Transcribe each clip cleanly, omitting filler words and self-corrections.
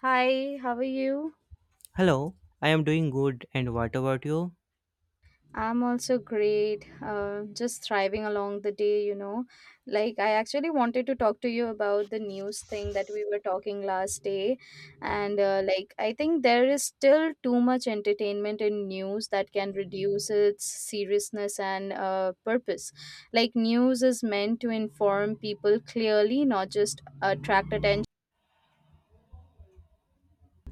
Hi, how are you? Hello, I am doing good and what about you? I'm also great. Just thriving along the day, you know. Like, I actually wanted to talk to you about the news thing that we were talking last day. I think there is still too much entertainment in news that can reduce its seriousness and purpose. Like, news is meant to inform people clearly, not just attract attention.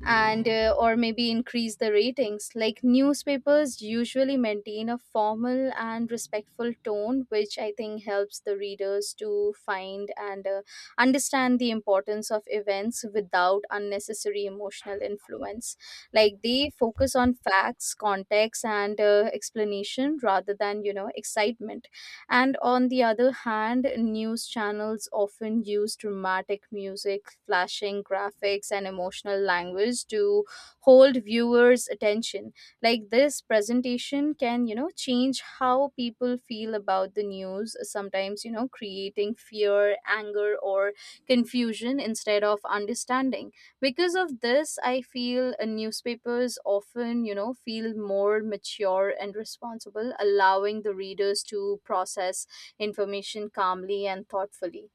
And Or maybe increase the ratings, like newspapers usually maintain a formal and respectful tone, which I think helps the readers to find and understand the importance of events without unnecessary emotional influence. Like, they focus on facts, context, and explanation rather than, you know, excitement. And on the other hand, news channels often use dramatic music, flashing graphics, and emotional language to hold viewers' attention. Like, this presentation can, you know, change how people feel about the news, sometimes, you know, creating fear, anger, or confusion instead of understanding. Because of this, I feel newspapers often, you know, feel more mature and responsible, allowing the readers to process information calmly and thoughtfully.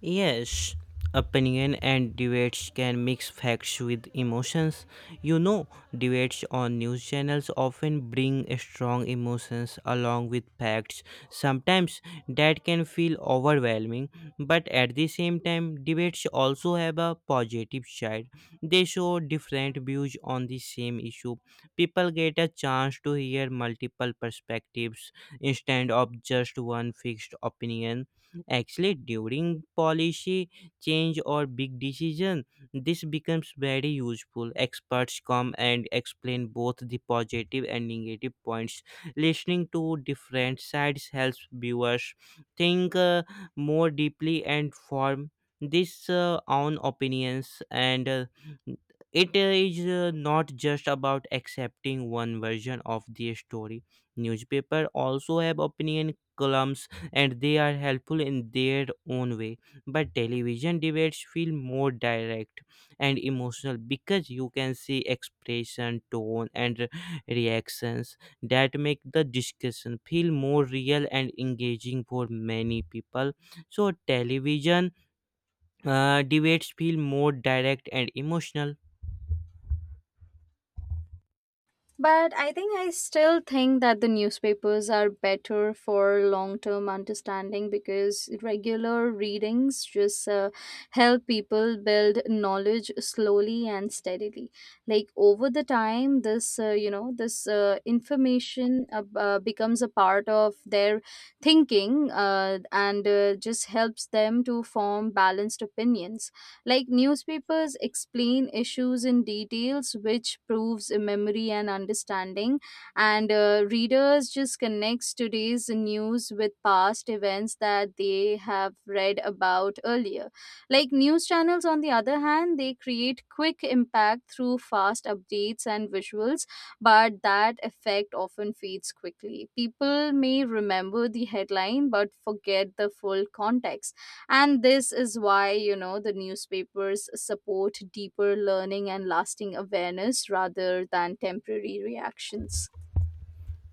Yes, opinion and debates can mix facts with emotions. You know, debates on news channels often bring strong emotions along with facts. Sometimes that can feel overwhelming, but at the same time, debates also have a positive side. They show different views on the same issue. People get a chance to hear multiple perspectives instead of just one fixed opinion. Actually, during policy change or big decision, this becomes very useful. Experts come and explain both the positive and negative points. Listening to different sides helps viewers think more deeply and form this own opinions and it is not just about accepting one version of the story. Newspaper also have opinion columns and they are helpful in their own way, but television debates feel more direct and emotional because you can see expression tone and reactions that make the discussion feel more real and engaging for many people. So television debates feel more direct and emotional. But I think I still think that the newspapers are better for long term understanding, because regular readings just help people build knowledge slowly and steadily. Like, over the time, this information becomes a part of their thinking and just helps them to form balanced opinions. Like, newspapers explain issues in details, which proves memory and understanding, and readers just connects today's news with past events that they have read about earlier. Like, news channels, on the other hand, they create quick impact through fast updates and visuals, but that effect often fades quickly. People may remember the headline but forget the full context, and this is why, you know, the newspapers support deeper learning and lasting awareness rather than temporary reactions.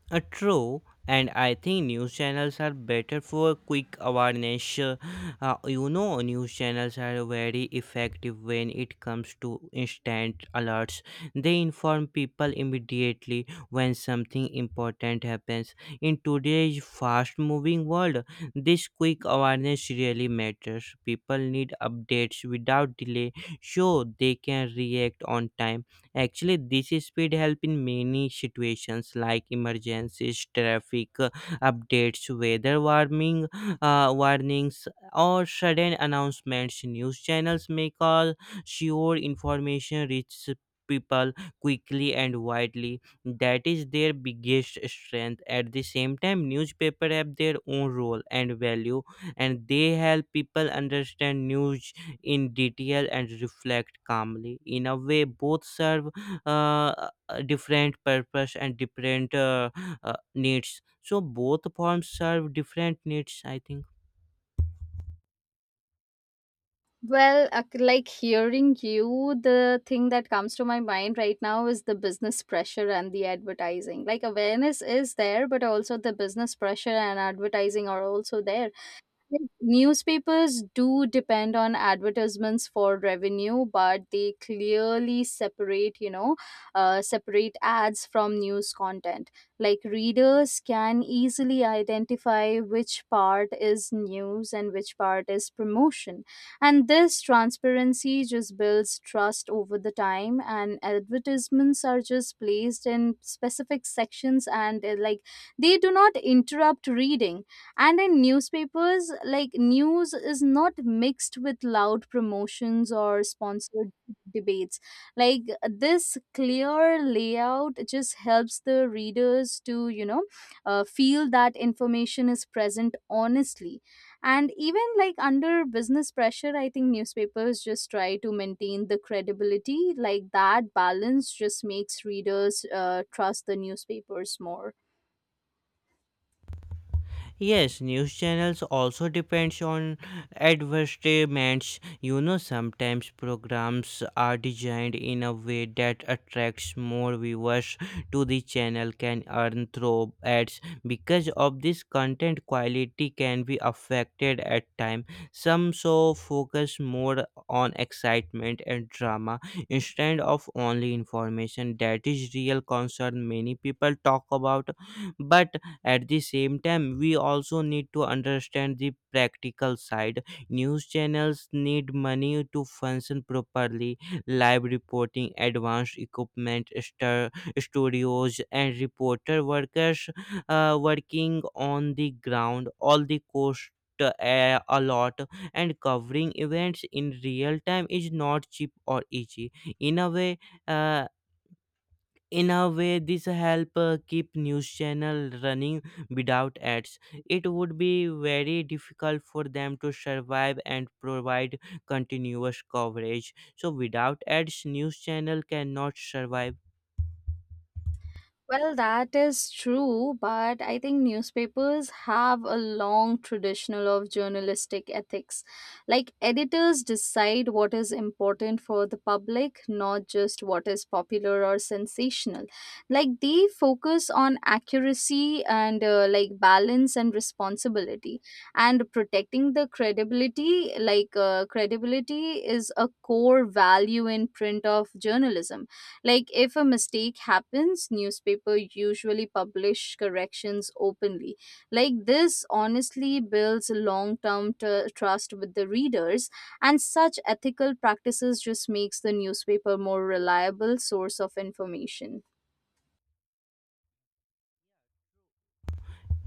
True, and I think news channels are better for quick awareness. You know, news channels are very effective when it comes to instant alerts. They inform people immediately when something important happens. In today's fast moving world, this quick awareness really matters. People need updates without delay so they can react on time. Actually, this speed help in many situations like emergencies, traffic updates, weather warming warnings, or sudden announcements. News channels make all sure information reaches people quickly and widely. That is their biggest strength. At the same time newspaper have their own role and value and they help people understand news in detail and reflect calmly. In a way, both serve uh, a different purpose and different needs. So both forms serve different needs, I think. Well, like hearing you, the thing that comes to my mind right now is the business pressure and the advertising. Like, awareness is there, but also the business pressure and advertising are also there. Newspapers do depend on advertisements for revenue, but they clearly separate, you know, separate ads from news content. Like, readers can easily identify which part is news and which part is promotion. And this transparency just builds trust over the time, and advertisements are just placed in specific sections, and like, they do not interrupt reading. And in newspapers, like, news is not mixed with loud promotions or sponsored debates. Like, this clear layout just helps the readers to, you know, feel that information is present honestly. And even, like, under business pressure, I think newspapers just try to maintain the credibility. Like, that balance just makes readers trust the newspapers more. Yes, news channels also depends on advertisements. You know, sometimes programs are designed in a way that attracts more viewers to the channel can earn through ads. Because of this, content quality can be affected at time. Some show focus more on excitement and drama instead of only information. That is real concern many people talk about, but at the same time we also need to understand the practical side. News channels need money to function properly. Live reporting advanced equipment star, studios and reporter workers working on the ground all the cost a lot, and covering events in real time is not cheap or easy. In a way uh, in a way this help keep news channel running. Without ads it would be very difficult for them to survive and provide continuous coverage. So without ads news channel cannot survive. Well, that is true, but I think newspapers have a long traditional of journalistic ethics. Like, editors decide what is important for the public, not just what is popular or sensational. Like, they focus on accuracy and like, balance and responsibility and protecting the credibility. Like, credibility is a core value in print of journalism. Like, if a mistake happens, newspaper usually publish corrections openly. Like, this honestly builds long-term trust with the readers, and such ethical practices just makes the newspaper more reliable source of information.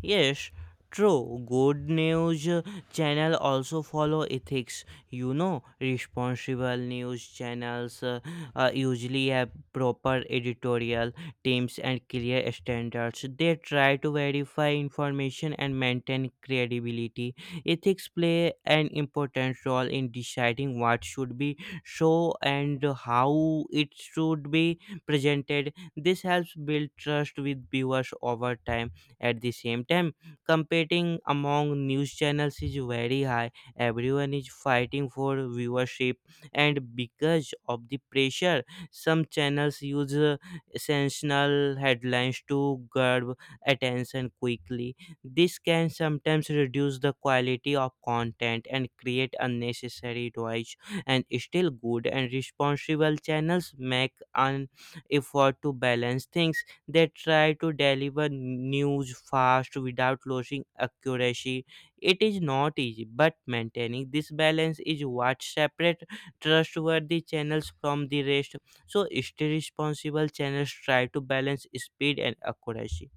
Yes, true. Good news channel also follow ethics. You know, responsible news channels usually have proper editorial teams and clear standards. They try to verify information and maintain credibility. Ethics play an important role in deciding what should be shown and how it should be presented. This helps build trust with viewers over time. At the same time, competing among news channels is very high. Everyone is fighting for viewership, and because of the pressure, some channels use sensational headlines to grab attention quickly. This can sometimes reduce the quality of content and create unnecessary noise. And still, good and responsible channels make an effort to balance things. They try to deliver news fast without losing accuracy. It is not easy, but maintaining this balance is what separates trustworthy channels from the rest. So, still responsible channels try to balance speed and accuracy.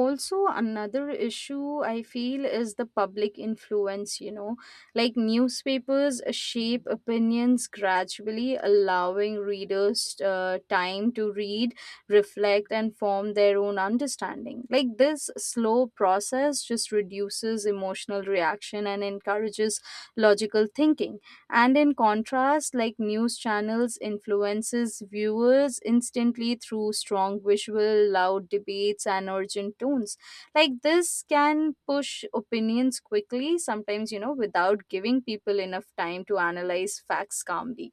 Also, another issue I feel is the public influence, you know. Like, newspapers shape opinions gradually, allowing readers time to read, reflect, and form their own understanding. Like, this slow process just reduces emotional reaction and encourages logical thinking. And in contrast, like, news channels influences viewers instantly through strong visual, loud debates, and urgent tones. Like, this can push opinions quickly, sometimes, you know, without giving people enough time to analyze facts calmly.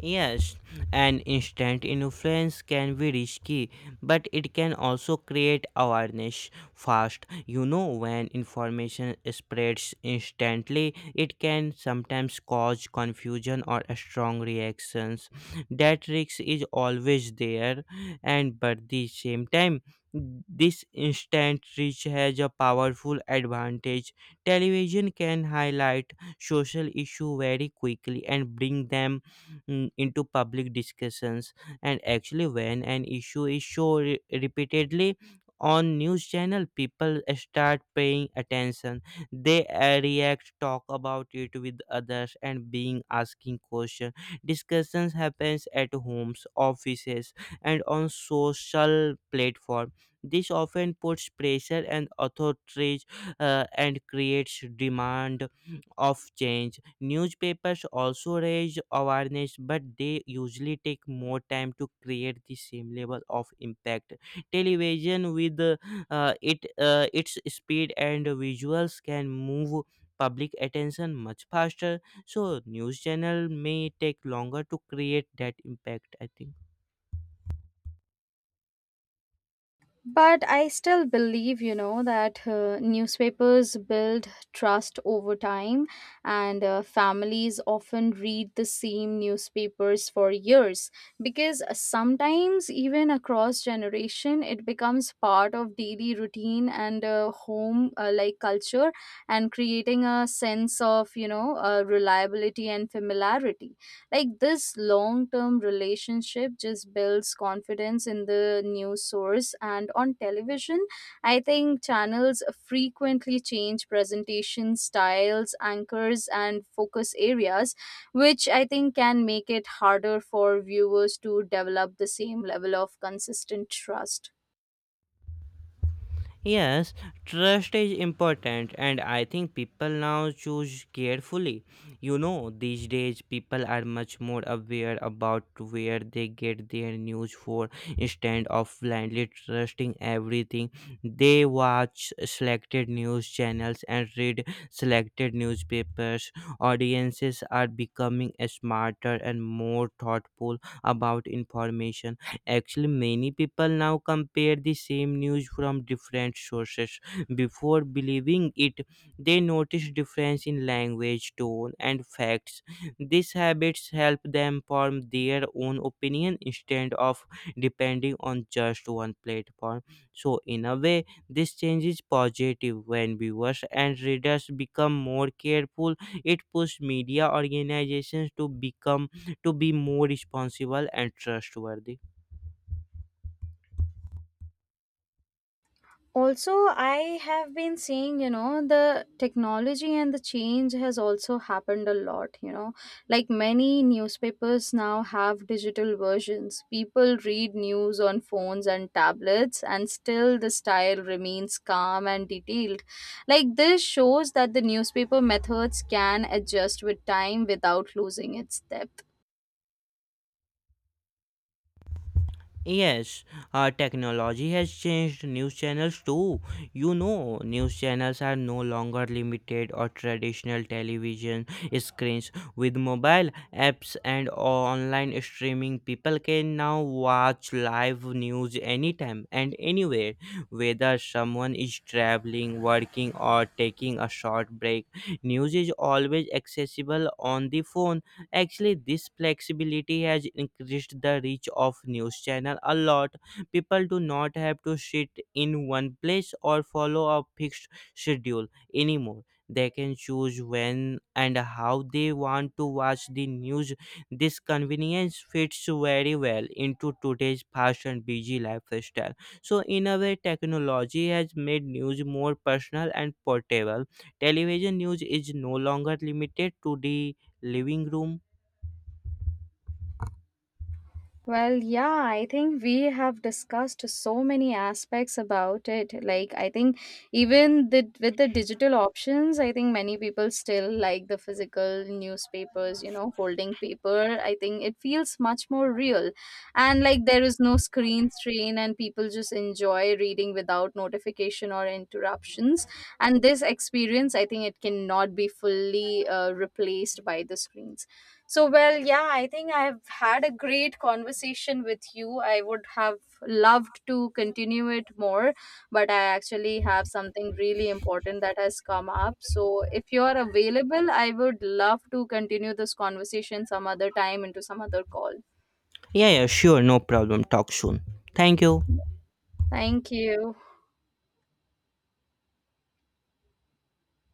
Yes, an instant influence can be risky, but it can also create awareness fast. You know, when information spreads instantly, it can sometimes cause confusion or strong reactions. That risk is always there, and but at the same time, this instant reach has a powerful advantage. Television can highlight social issue very quickly and bring them into public discussions. And actually when an issue is shown repeatedly on news channel people start paying attention. They react talk about it with others and being asking question. Discussions happens at homes offices and on social platform. This often puts pressure and authorities, and creates demand of change. Newspapers also raise awareness, but they usually take more time to create the same level of impact. Television, with it its speed and visuals, can move public attention much faster. So news channel may take longer to create that impact. I think. But I still believe, you know, that newspapers build trust over time, and families often read the same newspapers for years, because sometimes, even across generation, it becomes part of daily routine and home like culture, and creating a sense of, you know, reliability and familiarity. Like, this long term relationship just builds confidence in the news source. And on television, I think channels frequently change presentation styles, anchors, and focus areas, which I think can make it harder for viewers to develop the same level of consistent trust. Yes, trust is important, and I think people now choose carefully. You know, these days people are much more aware about where they get their news for instead of blindly trusting everything. They watch selected news channels and read selected newspapers. Audiences are becoming smarter and more thoughtful about information. Actually, many people now compare the same news from different sources before believing it. They notice difference in language, tone, and facts. These habits help them form their own opinion instead of depending on just one platform. So, in a way, this change is positive when viewers and readers become more careful. It pushes media organizations to be more responsible and trustworthy. Also, I have been seeing, you know, the technology and the change has also happened a lot, you know. Like, many newspapers now have digital versions. People read news on phones and tablets, and still the style remains calm and detailed. Like, this shows that the newspaper methods can adjust with time without losing its depth. Yes, technology has changed news channels too. You know, news channels are no longer limited or traditional television screens. With mobile apps and online streaming, people can now watch live news anytime and anywhere, whether someone is traveling, working, or taking a short break. News is always accessible on the phone. Actually, this flexibility has increased the reach of news channel a lot. People do not have to sit in one place or follow a fixed schedule anymore. They can choose when and how they want to watch the news. This convenience fits very well into today's fast and busy lifestyle. So, in a way, technology has made news more personal and portable. Television news is no longer limited to the living room. Well, yeah, I think we have discussed so many aspects about it. Like, I think even the, with the digital options, I think many people still like the physical newspapers, you know, holding paper. I think it feels much more real. And like, there is no screen strain, and people just enjoy reading without notification or interruptions. And this experience, I think it cannot be fully replaced by the screens. So, well, yeah, I think I've had a great conversation with you. I would have loved to continue it more, but I actually have something really important that has come up. So, if you are available, I would love to continue this conversation some other time into some other call. Yeah, yeah, sure, no problem. Talk soon. Thank you. Thank you.